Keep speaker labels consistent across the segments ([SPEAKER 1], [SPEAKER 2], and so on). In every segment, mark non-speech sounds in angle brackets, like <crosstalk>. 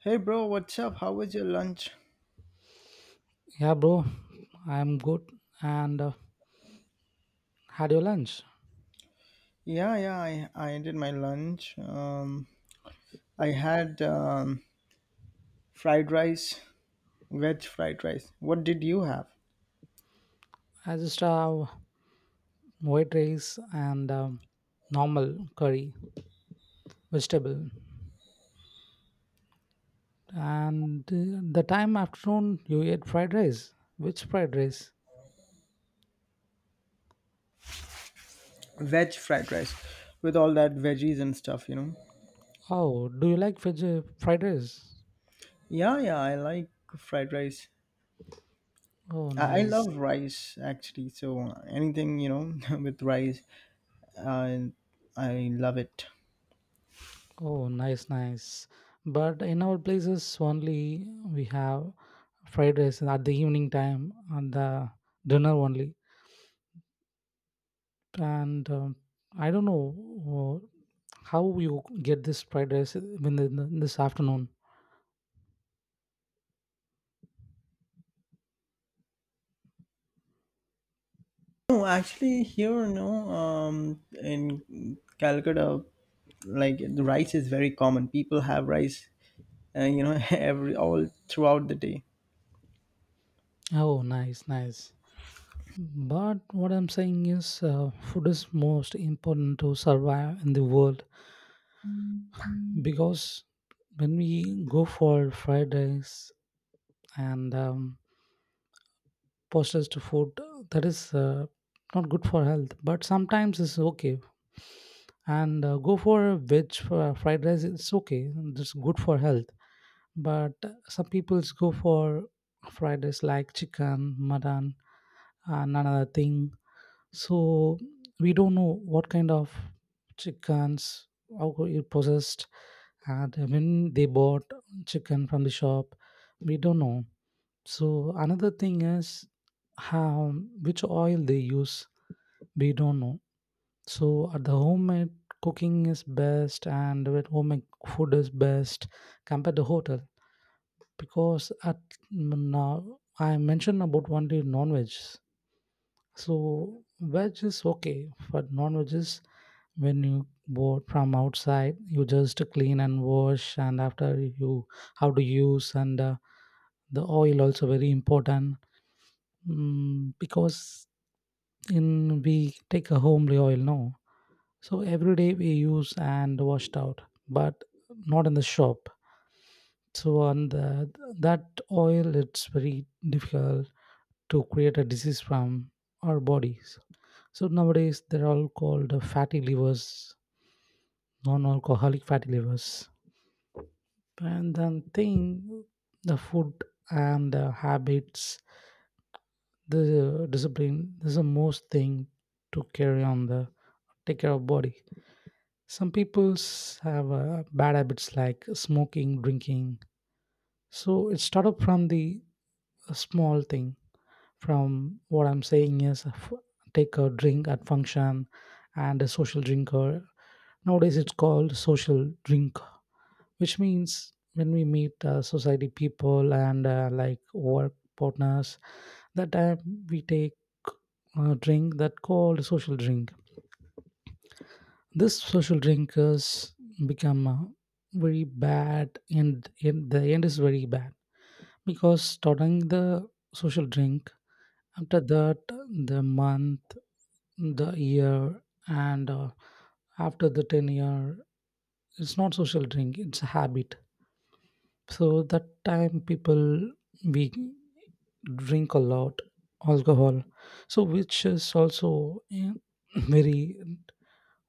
[SPEAKER 1] Hey bro, what's up? How was your lunch?
[SPEAKER 2] Yeah, bro, I'm good. And Had your lunch?
[SPEAKER 1] Yeah, yeah, I did my lunch. I had fried rice, veg fried rice. What did you have?
[SPEAKER 2] I just have white rice and normal curry, vegetable. And the time afternoon, you ate fried rice. Which fried rice?
[SPEAKER 1] Veg fried rice with all that veggies and stuff, you know?
[SPEAKER 2] Oh, do you like fried rice?
[SPEAKER 1] Yeah, yeah, I like fried rice.
[SPEAKER 2] Oh,
[SPEAKER 1] I
[SPEAKER 2] nice.
[SPEAKER 1] love rice actually, so anything, you know, <laughs> with rice, I, I love it.
[SPEAKER 2] Oh, nice, nice. But in our places, only we have fried rice at the evening time, on the dinner only. And I don't know uh, how you get this fried rice in this afternoon?
[SPEAKER 1] No, actually, here, no, in Calcutta, like the rice is very common. People have rice <laughs> every all throughout the day.
[SPEAKER 2] Oh, nice, nice. But what I'm saying is, food is most important to survive in the world, because when we go for fried rice and processed food, that is not good for health. But sometimes it's okay. And go for a veg for fried rice. It's okay. It's good for health. But some peoples go for fridays like chicken mutton and another thing. So we don't know what kind of chickens, how it possessed, and when they bought chicken from the shop, we don't know. So another thing is, how, which oil they use, we don't know. So at the homemade, cooking is best, and with homemade food is best compared to hotel, because at now I mentioned about only non-veg. So veg is okay, but non-veg is, when you bought from outside, you just clean and wash, and after you how to use, and the oil also very important, because in we take a homely oil now, so every day we use and washed out, but not in the shop. So on the that oil, it's very difficult to create a disease from our bodies. So nowadays they're all called fatty livers, non-alcoholic fatty livers. And then thing, the food and the habits, the discipline is the most thing to carry on the take care of body. Some people's have bad habits like smoking, drinking. So it started from the small thing. From what I'm saying is take a drink at function and a social drinker. Nowadays it's called social drink, which means when we meet society people and like work partners, that time we take a drink, that called social drink. This social drinkers become very bad, and the end is very bad, because starting the social drink. After that, the month, the year, and after the 10-year, it's not social drink, it's a habit. So that time people, we drink a lot alcohol. So which is also eh, <clears throat> very,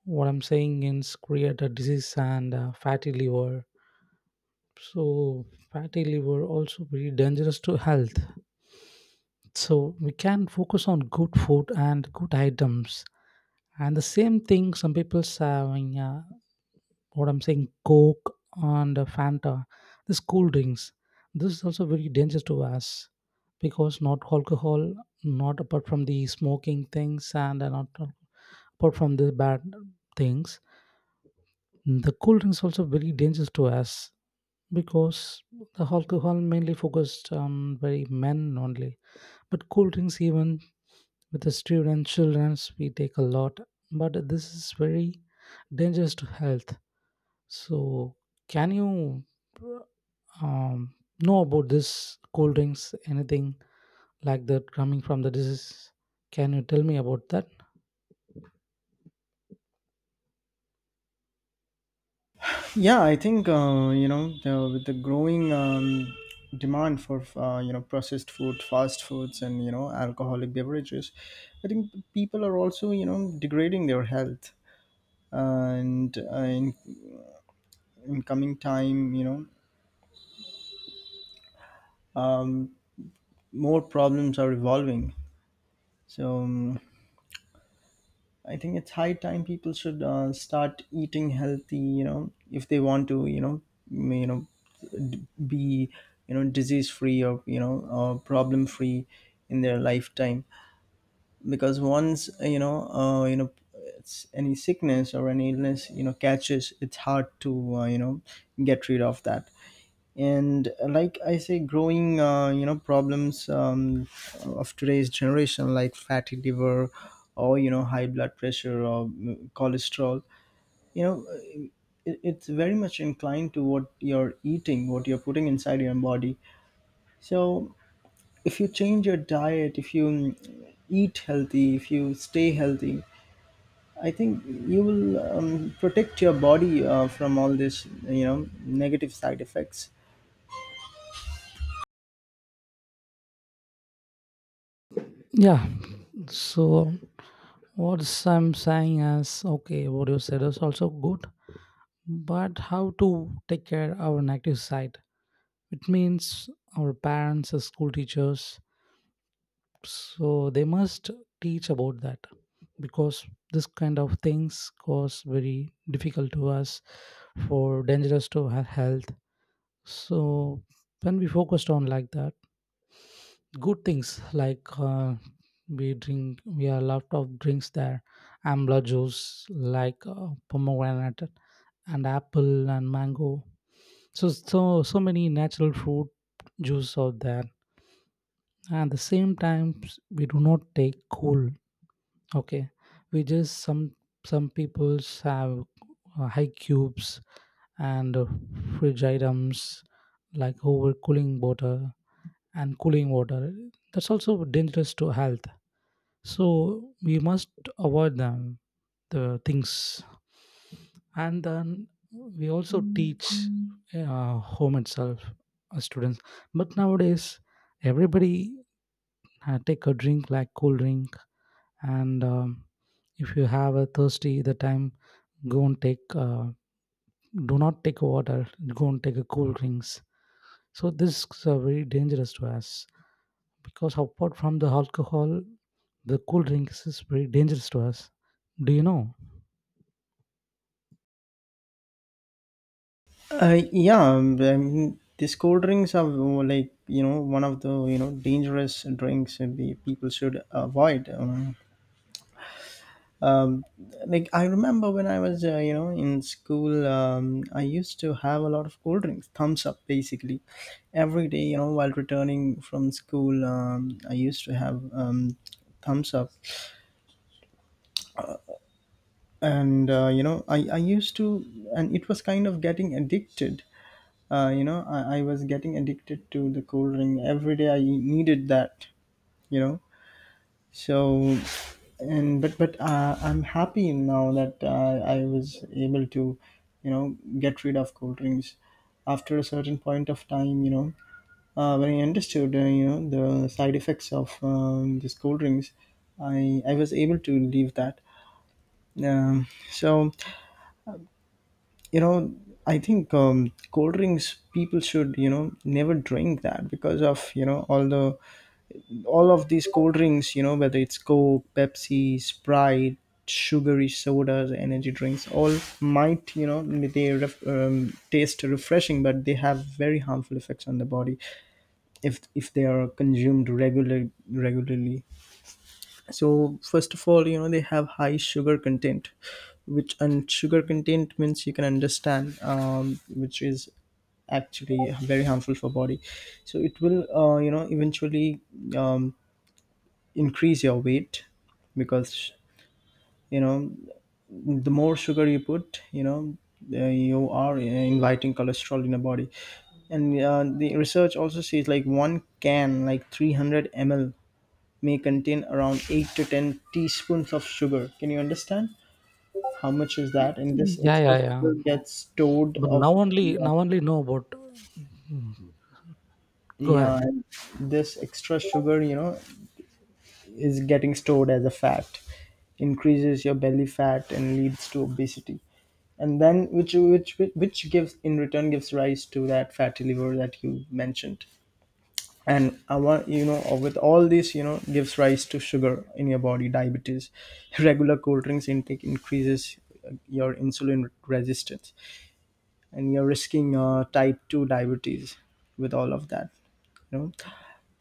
[SPEAKER 2] what I'm saying is create a disease and fatty liver. So fatty liver also very dangerous to health. So we can focus on good food and good items. And the same thing, some people's having what I'm saying, Coke and Fanta, these cool drinks. This is also very dangerous to us, because not alcohol, not apart from the smoking things, and not apart from the bad things, the cool drinks also very dangerous to us, because the alcohol mainly focused on very men only, but cool drinks even with the student childrens we take a lot, but this is very dangerous to health. So can you um, know about this cold drinks anything like that coming from the disease? Can you tell me about that?
[SPEAKER 1] Yeah, I think with the growing demand for processed food, fast foods, and alcoholic beverages, I think people are also degrading their health. And in coming time, more problems are evolving. So I think it's high time people should start eating healthy. You know, if they want to, m- you know, be disease free, or problem free in their lifetime. Because once it's any sickness or any illness, catches, it's hard to get rid of that. And like I say, growing problems of today's generation like fatty liver or high blood pressure or cholesterol. you know uh, it's very much inclined to what you're eating, what you're putting inside your body. So if you change your diet, if you eat healthy, if you stay healthy, I think you will protect your body from all this, negative side effects.
[SPEAKER 2] Yeah, so what I'm saying is, okay, what you said is also good, but how to take care of our negative side? It means our parents, as school teachers, so they must teach about that, because this kind of things cause very difficult to us for dangerous to our health. So when we focused on like that, good things like we drink, we have a lot of drinks there. Amla juice, like pomegranate and apple and mango, so so so many natural fruit juice out there. And the same times we do not take cool, okay, we just some peoples have high cubes, and fridge items like overcooling water and cooling water, that's also dangerous to health. So we must avoid them, the things. And then we also teach home itself, students. But nowadays everybody take a drink like cool drink, and if you have a thirsty the time, go and take do not take water, go and take a cool drinks. So this is very dangerous to us, because apart from the alcohol, the cool drinks is very dangerous to us. Do you know?
[SPEAKER 1] Yeah, I mean, these cold drinks are like one of the dangerous drinks that the people should avoid. Um, like I remember when I was in school, I used to have a lot of cold drinks, thumbs up basically, every day. You know, while returning from school, I used to have thumbs up, and I used to, and it was kind of getting addicted. I was getting addicted to the cold drink. Every day I needed that, you know. So and but I'm happy now that I was able to get rid of cold drinks after a certain point of time, when I understood the side effects of these cold drinks. I was able to leave that. um, so you know I think cold drinks, people should never drink that because of, all of these cold drinks, whether it's Coke, Pepsi, Sprite, sugary sodas, energy drinks, all, might you know they ref, taste refreshing, but they have very harmful effects on the body if they are consumed regularly. So first of all, they have high sugar content, which, and sugar content means you can understand which is actually very harmful for body. So it will eventually um, increase your weight because, you know the more sugar you put, you are inviting cholesterol in the body. And the research also says like one can, like 300 ml, may contain around 8 to 10 teaspoons of sugar. Can you understand how much is that? And this
[SPEAKER 2] Yeah,
[SPEAKER 1] extra
[SPEAKER 2] yeah, yeah.
[SPEAKER 1] sugar gets stored
[SPEAKER 2] But
[SPEAKER 1] of, yeah,
[SPEAKER 2] now only know about. Mm. Go
[SPEAKER 1] yeah,
[SPEAKER 2] ahead.
[SPEAKER 1] and this extra sugar, you know, is getting stored as a fat, increases your belly fat and leads to obesity. And then which gives, in return, gives rise to that fatty liver that you mentioned. And I want, with all this, gives rise to sugar in your body, diabetes. <laughs> Regular cold drinks intake increases your insulin resistance, and you're risking type 2 diabetes with all of that, you know.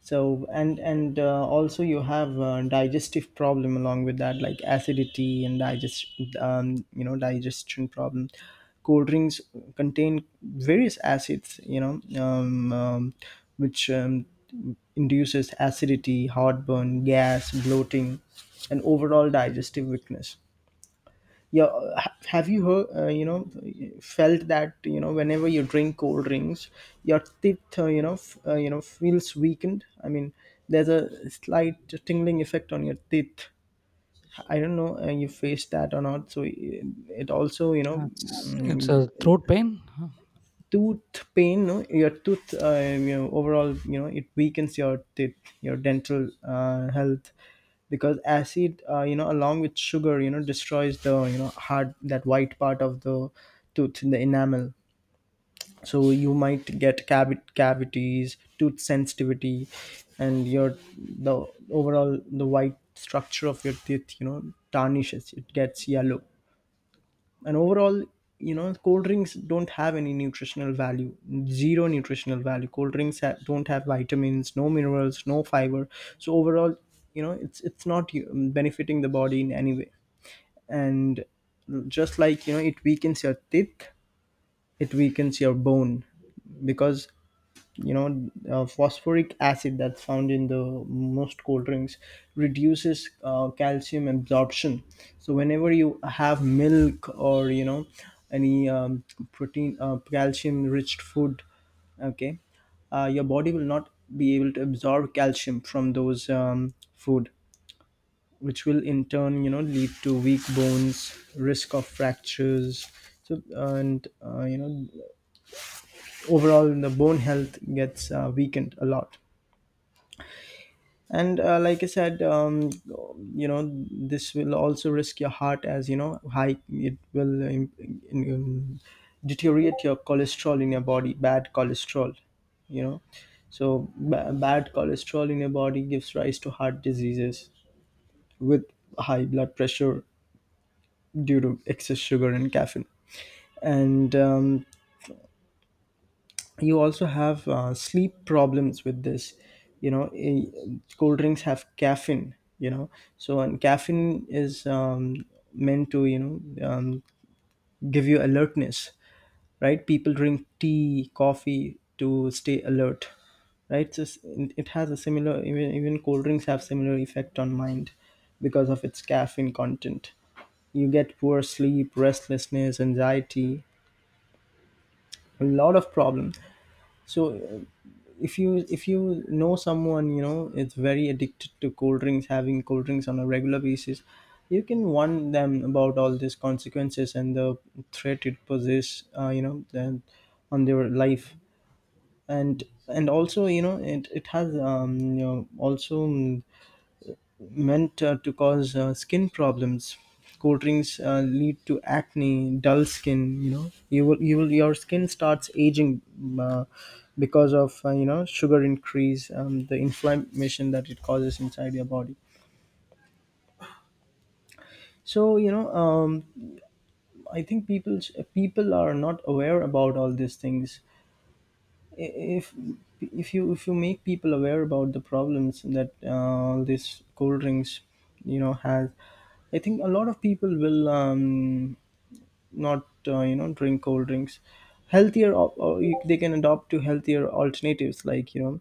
[SPEAKER 1] So and also you have digestive problem along with that, like acidity and digestion problem. Cold drinks contain various acids, you know which induces acidity, heartburn, gas, bloating, and overall digestive weakness. Yeah, have you heard felt that, you know, whenever you drink cold drinks, your teeth, feels weakened? I mean, there's a slight tingling effect on your teeth. I don't know you faced that or not. So it also, you know,
[SPEAKER 2] Yeah, it's
[SPEAKER 1] mm,
[SPEAKER 2] a throat pain. Huh.
[SPEAKER 1] tooth pain, no, your tooth, overall, you know, it weakens your teeth, your dental health. Because acid, along with sugar, you know, destroys the, you know, hard, that white part of the tooth, the enamel. So you might get cavities, tooth sensitivity, and your the overall the white structure of your teeth, you know, tarnishes, it gets yellow. And overall, you know, cold drinks don't have any nutritional value, zero nutritional value. Cold drinks don't have vitamins, no minerals, no fiber. So overall, you know, it's not benefiting the body in any way. And just like, you know, it weakens your teeth, it weakens your bone because, you know, phosphoric acid, that's found in the most cold drinks, reduces calcium absorption. So whenever you have milk or, you know, any protein, calcium rich food, okay, your body will not be able to absorb calcium from those food, which will in turn, you know, lead to weak bones, risk of fractures. So and overall, the bone health gets weakened a lot. And like I said, this will also risk your heart, as you know, high, it will um, deteriorate your cholesterol in your body, bad cholesterol, you know. So bad cholesterol in your body gives rise to heart diseases with high blood pressure due to excess sugar and caffeine. And you also have sleep problems with this, you know. Cold drinks have caffeine, you know. So and caffeine is meant to, um, give you alertness, right? People drink tea, coffee to stay alert, right? So it has a similar, even cold drinks have similar effect on mind because of its caffeine content. You get poor sleep, restlessness, anxiety, a lot of problems. So if you know someone, you know, it's very addicted to cold drinks, having cold drinks on a regular basis, you can warn them about all these consequences and the threat it poses, then on their life. And also, you know, it has also meant to cause skin problems. Cold drinks lead to acne, dull skin. You know, your skin starts aging uh, because of sugar increase, the inflammation that it causes inside your body. So you know, I think people are not aware about all these things. if if you make people aware about the problems that this cold drinks, you know, has, I think a lot of people will not drink cold drinks, healthier. Or, they can adopt to healthier alternatives like, you know,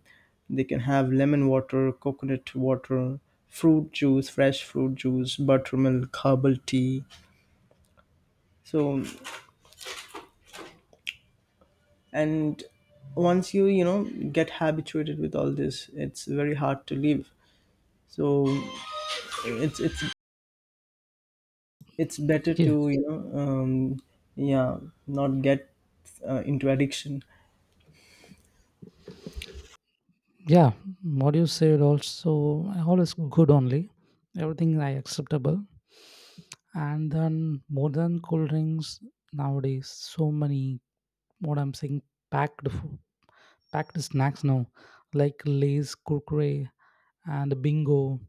[SPEAKER 1] they can have lemon water, coconut water, fruit juice, fresh fruit juice, buttermilk, herbal tea. So and once you, you know, get habituated with all this, it's very hard to leave. So it's it's it's better
[SPEAKER 2] Yeah,
[SPEAKER 1] to, yeah, not get into addiction.
[SPEAKER 2] yeah. What you said also all is good only. Everything I acceptable. And then more than cool drinks nowadays, so many, what I'm saying, packed fo- packed snacks now, like Lay's, Kurkure, and bingo.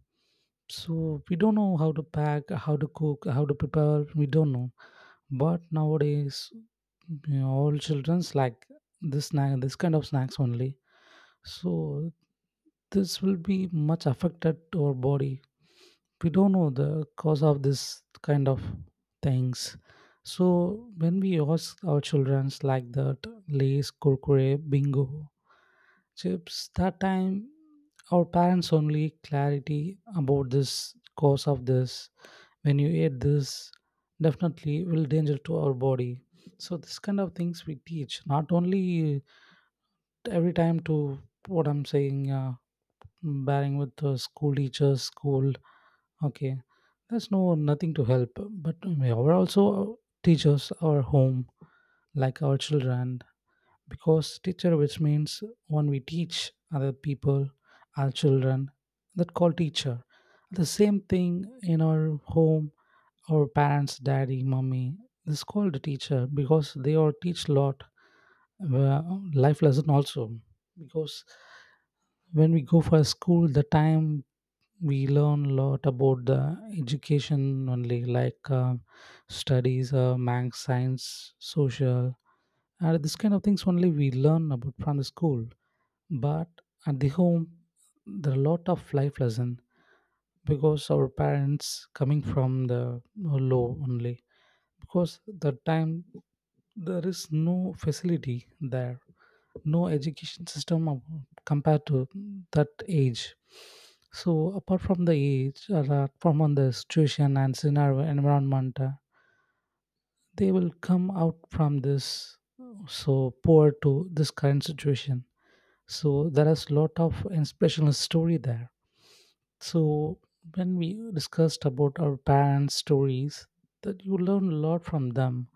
[SPEAKER 2] So we don't know how to pack, how to cook, how to prepare. We don't know. But nowadays, you know, all childrens like this snack, this kind of snacks only. So this will be much affected to our body. We don't know the cause of this kind of things. So when we ask our childrens like that, Lays, Kurkure, Bingo, chips, that time our parents only clarity about this cause of this. When you eat this, definitely will danger to our body. So this kind of things we teach not only every time to, what I'm saying, bearing with the school teachers school, okay, there's no nothing to help, but we are also teachers our home, like our children. Because teacher, which means when we teach other people our children, that call teacher. The same thing in our home, our parents, daddy mommy, this called a teacher, because they all teach a lot uh, life lesson also. Because when we go for school the time, we learn a lot about the education only, like um, studies, math, science, social, and this kind of things only we learn about from the school. But at the home, there are a lot of life lesson, because our parents coming from the low only, because the time there is no facility there, no education system ab- compared to that age. So apart from the age, or apart from on the situation and scenario environment, they will come out from this so poor to this current situation. So there is a lot of inspirational story there. So when we discussed about our parents stories, that you learn a lot from them.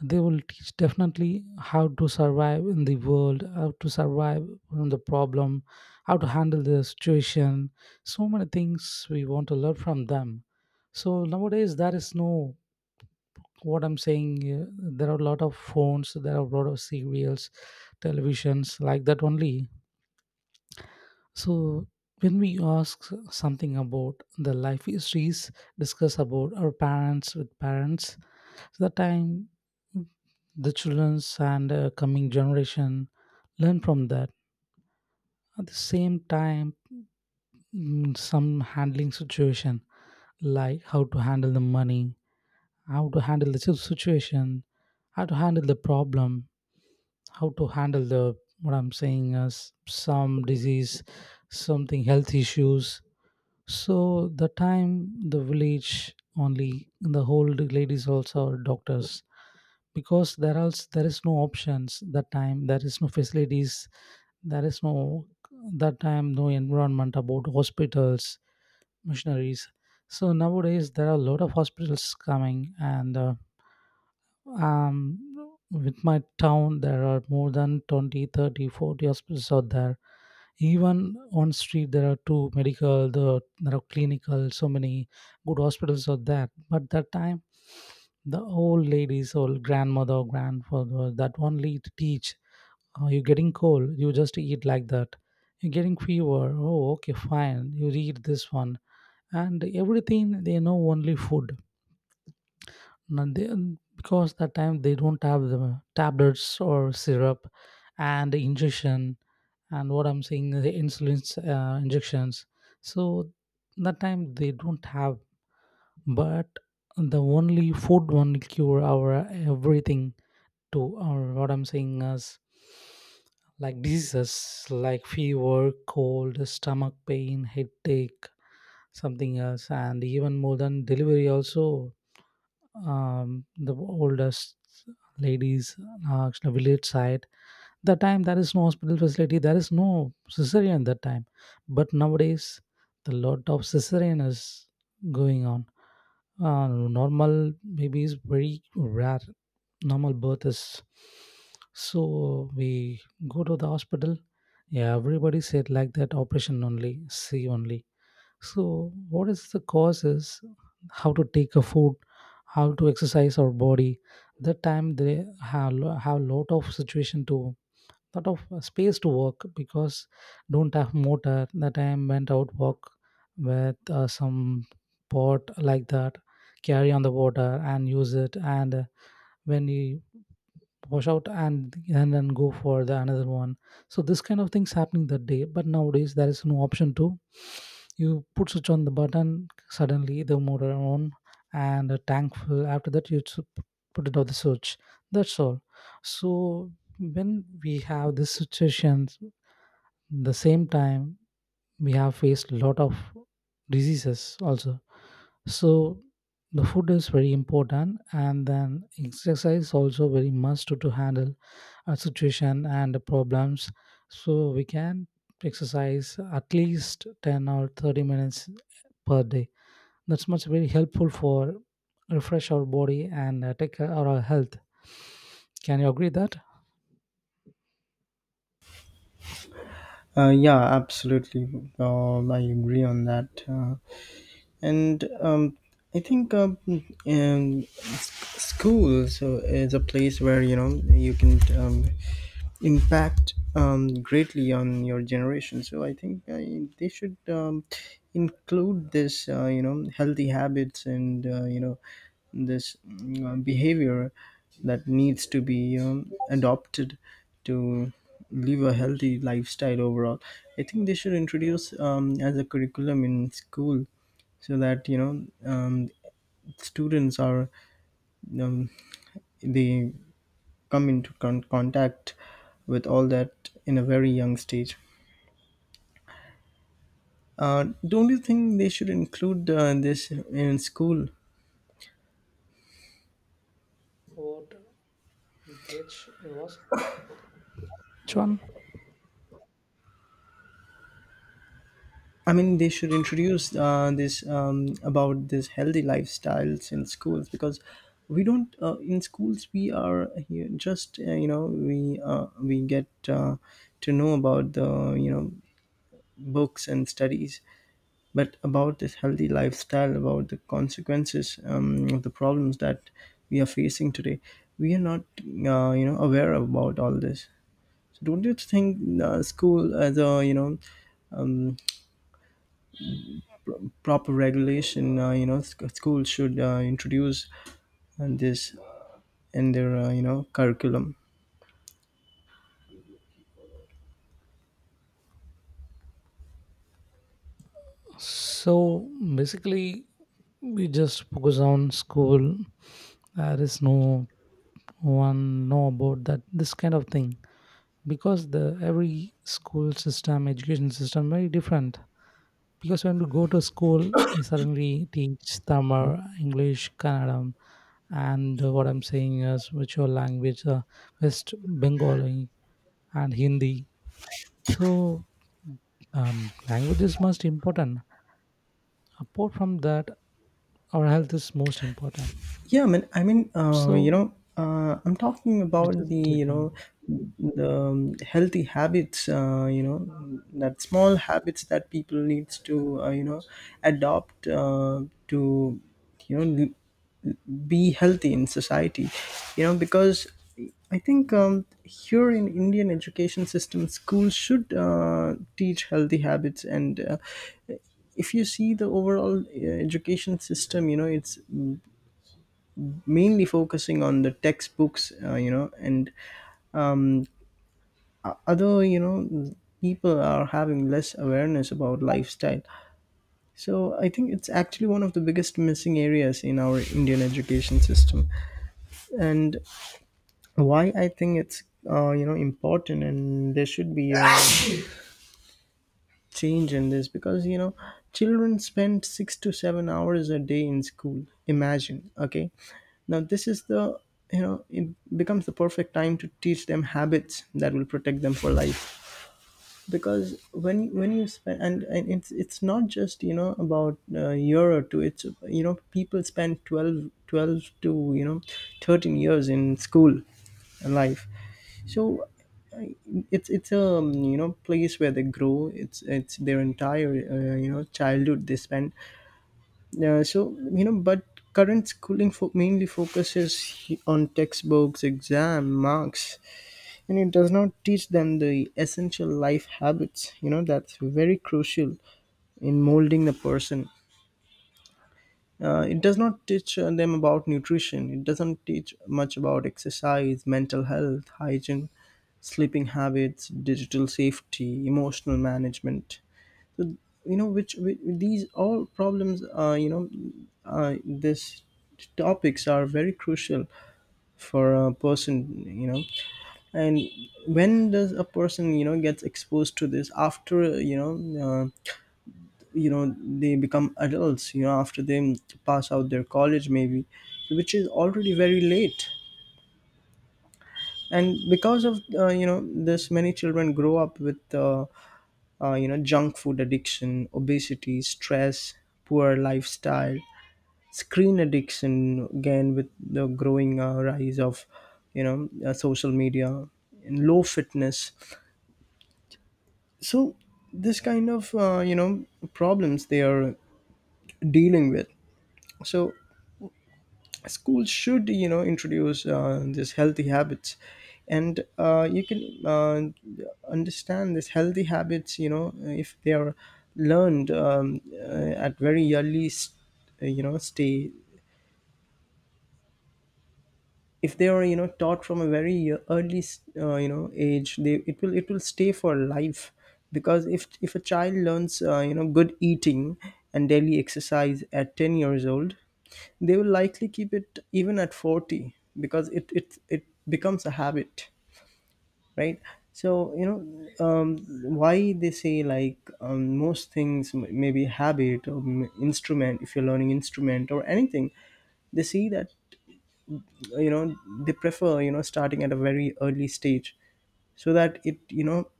[SPEAKER 2] They will teach definitely how to survive in the world, how to survive from the problem, how to handle the situation, so many things we want to learn from them. So nowadays there is no, what I'm saying, there are a lot of phones, there are a lot of serials, televisions, like that only. So when we ask something about the life histories, discuss about our parents with parents, so the time the childrens and coming generation learn from that. At the same time, some handling situation, like how to handle the money, how to handle the situation, how to handle the problem, how to handle the, what I'm saying is, some disease, something health issues. So the time the village only the old ladies also are doctors, because there else there is no options, that time there is no facilities, there is no, that time no environment about hospitals, missionaries. So nowadays there are a lot of hospitals coming, and with my town there are more than 20, 30, 40 hospitals out there. Even on street there are two medical the there are clinical, so many good hospitals out there. But that time, the old ladies, old grandmother grandfather, that only teach, oh, you're getting cold, you just eat like that, you're getting fever, oh, okay, fine, you eat this one. And everything they know only food. No, they, because that time they don't have the tablets or syrup and the injection, and what I'm saying, the insulin injections. So that time they don't have, but the only food one cure our everything, to our, what I'm saying is, like diseases like fever, cold, stomach pain, headache, something else, and even more than delivery also. The oldest ladies, actually village side, that time there is no hospital facility, there is no cesarean that time. But nowadays the lot of cesarean is going on, normal baby is very rare, normal birth is. So we go to the hospital, yeah, everybody said like that, operation only see only. So what is the causes? How to take a food? How to exercise our body? That time they have lot of situation to lot of space to work, because don't have motor. That time went out walk with some pot like that, carry on the water and use it. And When you wash out and then go for the another one. So this kind of things happening that day, but nowadays there is no option to. You put switch on the button, suddenly the motor on and the tank full. After that you should put it on the switch, that's all. So when we have this situations, the same time, we have faced a lot of diseases also. So the food is very important, and then exercise also very much to handle situation and problems. So we can exercise at least 10 or 30 minutes per day. That's much very helpful for refresh our body and take care of our health. Can you agree that?
[SPEAKER 1] Yeah absolutely. I agree on that. And I think school so is a place where, you know, you can impact greatly on your generation. So I think they should include this, healthy habits, and this behavior that needs to be adopted to live a healthy lifestyle overall. I think they should introduce as a curriculum in school so that, students are um, they come into contact with all that in a very young stage. Don't you think they should include this in school?
[SPEAKER 2] What? Which it was? Which one?
[SPEAKER 1] I mean, they should introduce this, about this healthy lifestyles in schools, because we don't, in schools we are here just, we get to know about the, you know, books and studies. But about this healthy lifestyle, about the consequences, the problems that we are facing today, we are not, aware about all this. So don't you think school, as a, um, proper regulation, sc- school should introduce this in their, curriculum?
[SPEAKER 2] So basically, we just focus on school. There is no one know about that this kind of thing, because the every school system, education system very different. Because when you go to school, you suddenly teach Tamil, English, Kannadam. And what I'm saying is which your language, West Bengali and Hindi. So um, language is most important. Apart from that, our health is most important.
[SPEAKER 1] Yeah, I mean, I mean, uh, you
[SPEAKER 2] So
[SPEAKER 1] know, uh, I'm talking
[SPEAKER 2] we
[SPEAKER 1] about
[SPEAKER 2] just
[SPEAKER 1] the, you
[SPEAKER 2] taken.
[SPEAKER 1] know, the um, healthy habits, that small habits that people needs to, adopt, to, you know, l- be healthy in society, because I think, here in Indian education system, schools should teach healthy habits. And if you see the overall education system, it's mainly focusing on the textbooks, and um, other, people are having less awareness about lifestyle. So I think it's actually one of the biggest missing areas in our Indian education system, and why I think it's, important, and there should be a change in this, because, children spend 6 to 7 hours a day in school. Imagine, okay, now this is the you know it becomes the perfect time to teach them habits that will protect them for life. Because when you spend, and it's not just, about a year or two, it's, people spend twelve to, 13 years in school life. So I- it's a, place where they grow. It's their entire, childhood they spend. So, but current schooling mainly focuses on textbooks, exam marks, and it does not teach them the essential life habits, that's very crucial in molding the person. It does not teach them about nutrition. It doesn't teach much about exercise, mental health, hygiene, sleeping habits, digital safety, emotional management. So, which these all problems, this topics are very crucial for a person, and when does a person, gets exposed to this after, uh, you know they become adults, after they pass out their college maybe, which is already very late. And because of, this, many children grow up with, junk food addiction, obesity, stress, poor lifestyle, screen addiction, again with the growing rise of, social media, and low fitness. So this kind of, problems they are dealing with. So schools should, introduce these healthy habits, and you can understand these healthy habits, if they are learned, at very early s- you know stay if they are, taught from a very early, age. They It will stay for life, because if a child learns, good eating and daily exercise at 10 years old, they will likely keep it even at 40, because it becomes a habit, right. So, um, why they say, like, most things, maybe habit, or instrument, if you're learning instrument or anything, they see that, you know they prefer, starting at a very early stage, so that,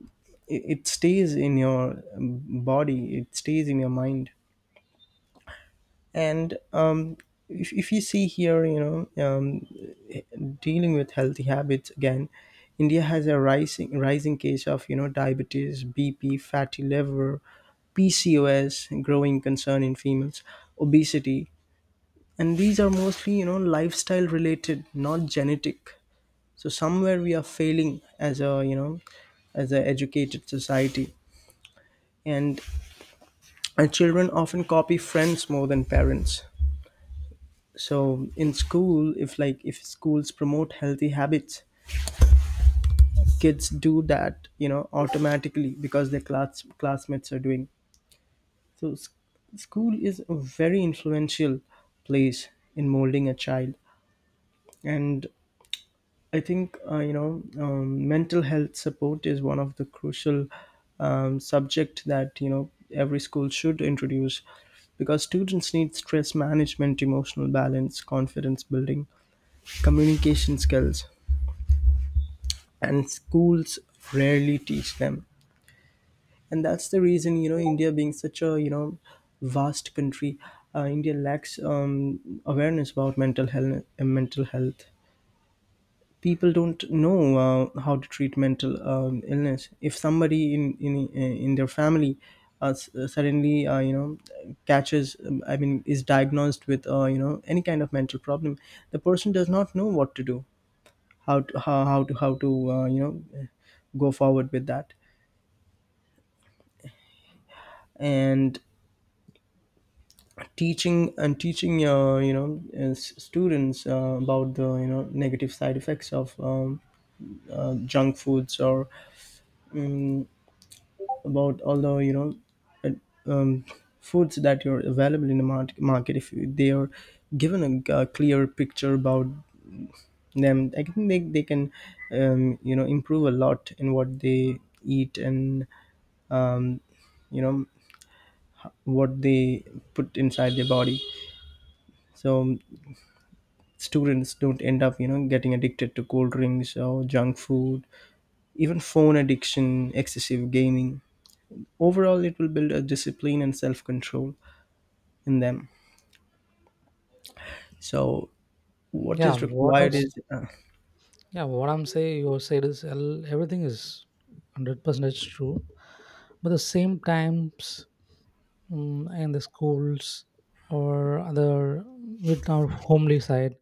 [SPEAKER 1] it stays in your, body. It stays in your mind. And if you see here, dealing with healthy habits again, India has a rising case of, diabetes, BP, fatty liver, PCOS growing concern in females, obesity, and these are mostly, lifestyle related, not genetic. So somewhere we are failing as a, as a educated society. And our children often copy friends more than parents. So in school, if schools promote healthy habits, kids do that, automatically, because their classmates are doing. So school is a very influential place in molding a child. And I think, mental health support is one of the crucial, subject that, every school should introduce, because students need stress management, emotional balance, confidence building, communication skills, and schools rarely teach them. And that's the reason, India being such a, vast country, India lacks, awareness about mental health. Mental health people don't know how to treat mental, illness, if somebody in their family suddenly catches, I mean, is diagnosed with, any kind of mental problem. The person does not know what to do, how to uh, you know go forward with that. And teaching teaching students about the, negative side effects of, junk foods. Or mm about, although, uh, um, foods that are available in the market, if they are given a clear picture about them, I think they can, improve a lot in what they eat, and, um, you know what they put inside their body. So students don't end up, getting addicted to cold drinks or junk food, even phone addiction, excessive gaming. Overall, it will build a discipline and self-control in them. So what
[SPEAKER 2] Yeah,
[SPEAKER 1] is
[SPEAKER 2] what
[SPEAKER 1] required is
[SPEAKER 2] else? Yeah, what I'm saying, you said is everything is 100% true, but the same times, in the schools or other, with our homely side,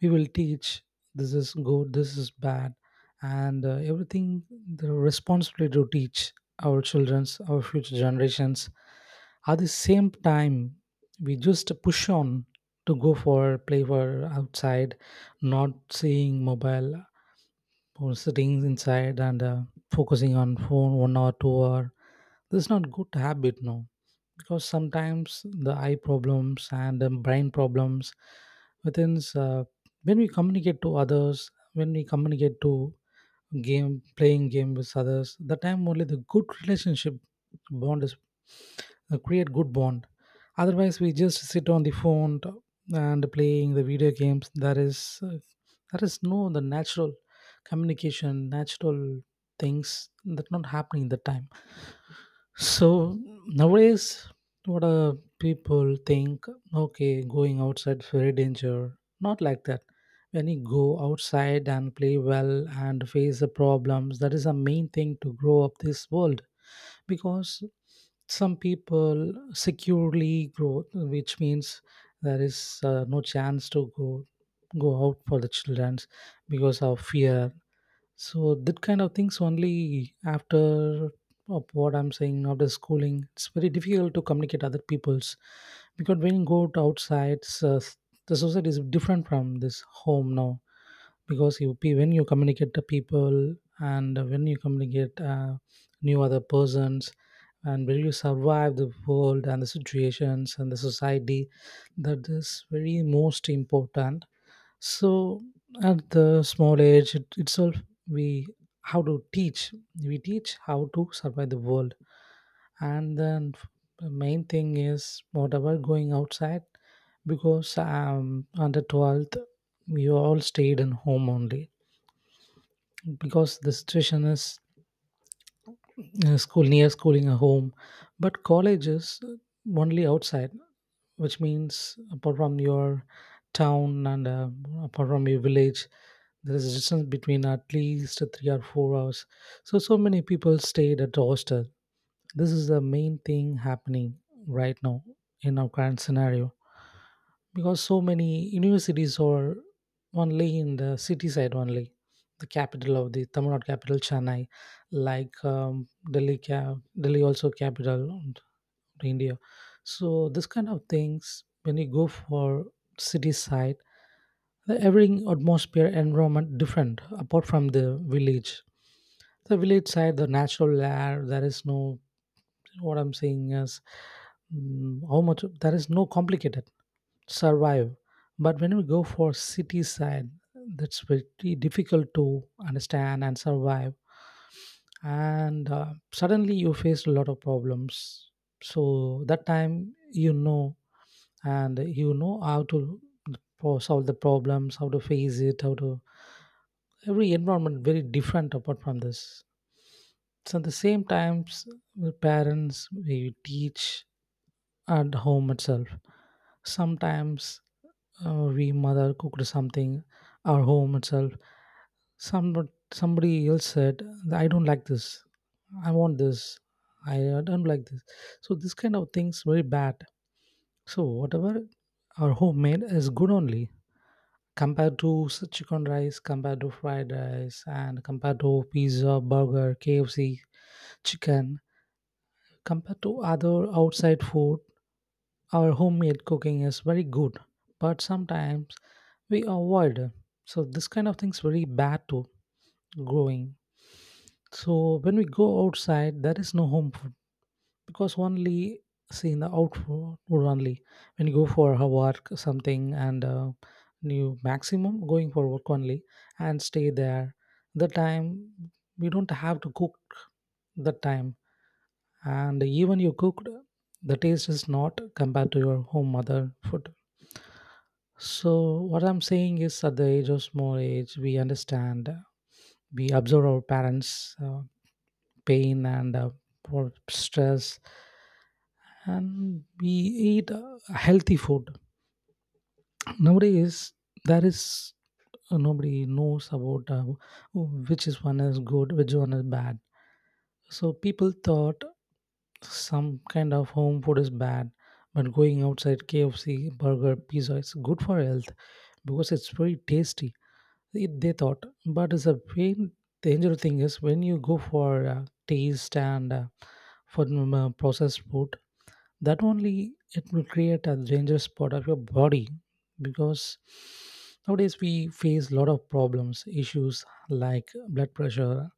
[SPEAKER 2] we will teach this is good, this is bad, and everything. The responsibility to teach our children's, our future generations, at the same time, we just push on to go for play for outside, not seeing mobile or sitting inside and focusing on phone 1 hour 2 hour. This is not good habit, no? Because sometimes the eye problems and the brain problems within, when we communicate to others, when we communicate to game, playing game with others, the time only the good relationship bond is, create good bond. Otherwise we just sit on the phone and playing the video games, there is, uh, there is no the natural communication, natural things, that not happening in the time. So nowadays, what people think, okay, going outside very danger. Not like that. When you go outside and play well and face the problems, that is the main thing to grow up this world. Because some people securely grow, which means there is no chance to go out for the childrens because of fear. So that kind of things only after of what I'm saying, after schooling, it's very difficult to communicate other people's. Because when you go to outside, so the society is different from this home now. Because you when you communicate to people, and when you communicate new other persons, and when you survive the world and the situations and the society, that is very most important. So at the small age it, itself, we how to teach. We teach how to survive the world, and then the main thing is whatever going outside. Because under twelfth we all stayed in home only, because the situation is, school near schooling or home. But college is only outside, which means apart from your town and apart from your village, there is a distance between at least 3 or 4 hours. So so many people stayed at the hostel. This is the main thing happening right now in our current scenario. Because so many universities are only in the city side only. The capital of the Tamil Nadu, capital Chennai, like delhi ca- Delhi also capital of India. So this kind of things, when you go for city side, the every atmosphere, environment different apart from the village. The village side the natural air, there is no, what I'm saying is, how much there is no complicated survive. But when we go for city side, that's very difficult to understand and survive. And suddenly you face a lot of problems. So that time you know, and you know how to for solve the problems, how to face it, how to, every environment very different apart from this. So at the same times, with parents we teach at home itself. Sometimes our we mother cooked something, our home itself. Some somebody else said, "I don't like this. I want this. I don't like this." So this kind of things very bad. So whatever our homemade is good only, compared to chicken rice, compared to fried rice, and compared to pizza, burger, KFC, chicken. Compared to other outside food, our homemade cooking is very good. But sometimes we avoid. So this kind of thing's very bad to growing. So when we go outside, there is no home food, because only see in the outdoor food only. When you go for a work something and you maximum going for work only and stay there. The time we don't have to cook the time, and even you cooked, the taste is not compared to your home mother food. So what I'm saying is at the age of small age we understand, we observe our parents pain and poor stress, and we eat healthy food. Nowadays there is nobody knows about which is one is good, which one is bad. So people thought some kind of home food is bad, but going outside KFC, burger, pizza is good for health, because it's very tasty, they thought. But it's a pain, dangerous thing is when you go for taste and for processed food, that only it will create a dangerous part of your body. Because nowadays we face a lot of problems, issues like blood pressure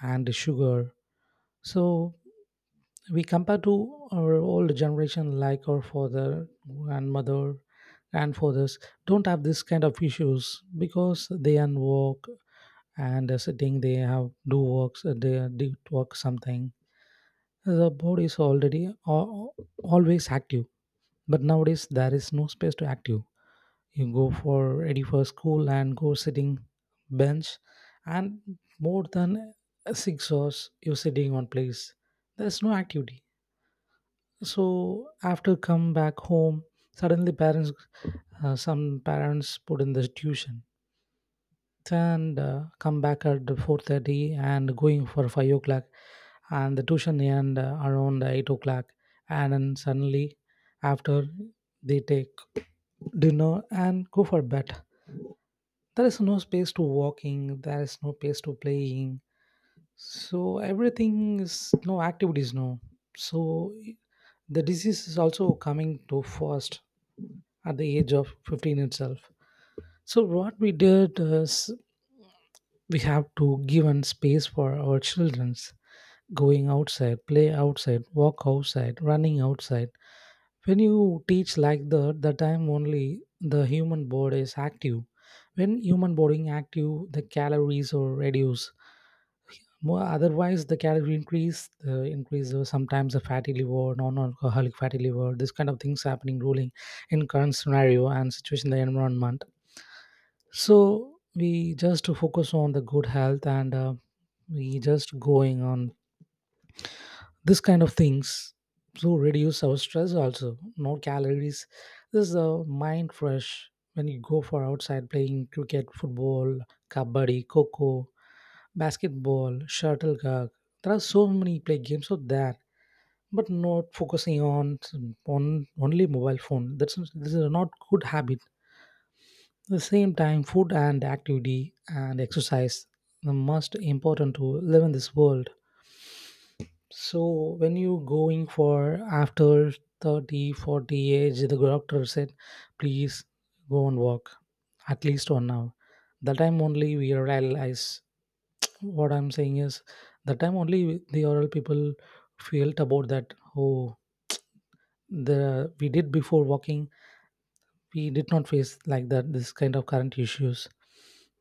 [SPEAKER 2] and sugar. So we compare to our old generation, like our father, grandmother, grandfathers, don't have this kind of issues because they can walk and sitting they have do works, they do work something. The body is already always active. But nowadays there is no space to active. You go for ready for school and go sitting bench, and more than 6 hours you sitting on place, there's no activity. So after come back home, suddenly parents, some parents put in the tuition and come back at 4:30 and going for 5 o'clock, and the tuition end around 8 o'clock, and then suddenly after they take dinner and go for bed. There is no space to walking, there is no space to playing. So everything is no activities, no? So the disease is also coming to first at the age of 15 itself. So what we did is, we have to give an space for our children's going outside, play outside, walk outside, running outside. When you teach like that, the time only the human body is active. When human body active, the calories are reduced more. Otherwise the calorie increase, the increase of sometimes the fatty liver, non-alcoholic fatty liver, this kind of things happening ruling in current scenario and situation in the environment. So we just to focus on the good health, and we just going on this kind of things to reduce our stress also. No calories. This is a mind fresh when you go for outside playing cricket, football, kabaddi, coco, basketball, shuttlecock. There are so many play games out there, but not focusing on only mobile phone. That's this is not good habit. The same time, food and activity and exercise the most important to live in this world. So when you going for after 30, 40 age, the doctor said, please go and walk at least 1 hour. The time only we realize, what I'm saying is, the time only the oral people felt about that, oh, the we did before walking, we did not face like that, this kind of current issues.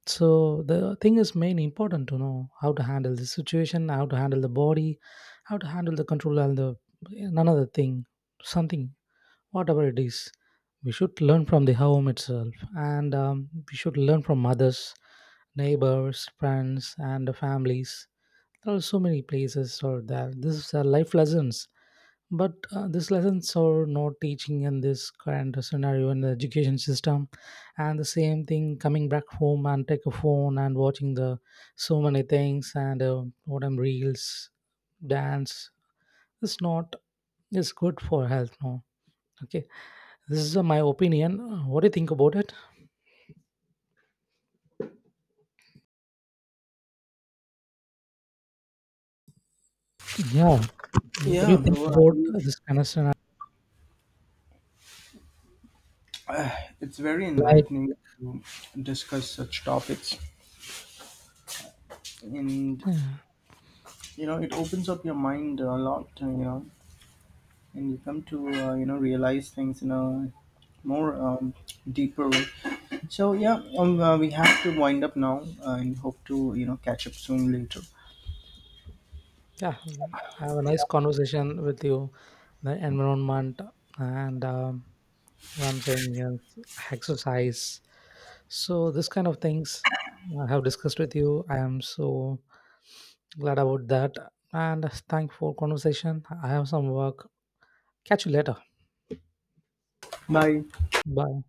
[SPEAKER 2] So the thing is main important to know how to handle the situation, how to handle the body, how to handle the control and the another thing, something, whatever it is, we should learn from the home itself, and we should learn from others, neighbors, friends and the families. There are so many places or there, this is life lessons. But these lessons are not teaching in this current scenario in the education system. And the same thing coming back home and take a phone and watching the so many things and what I'm, reels, dance. It's not, it's good for health. No. Okay. This is my opinion. What do you think about it? Yeah. What do you
[SPEAKER 1] yeah,
[SPEAKER 2] think
[SPEAKER 1] bro. I
[SPEAKER 2] about
[SPEAKER 1] mean,
[SPEAKER 2] this kind of scenario?
[SPEAKER 1] uh, it's very
[SPEAKER 2] Like,
[SPEAKER 1] enlightening to discuss such topics, and,
[SPEAKER 2] yeah,
[SPEAKER 1] it opens up your mind a lot. And you come to, realize things in a more, deeper way. So yeah, we have to wind up now, and hope to, catch up soon later.
[SPEAKER 2] yeah. Have a nice conversation with you, the environment and what I'm saying is exercise, so this kind of things I have discussed with you. I am so glad about that, and thank for conversation. I have some work, catch you later.
[SPEAKER 1] Bye.
[SPEAKER 2] Bye.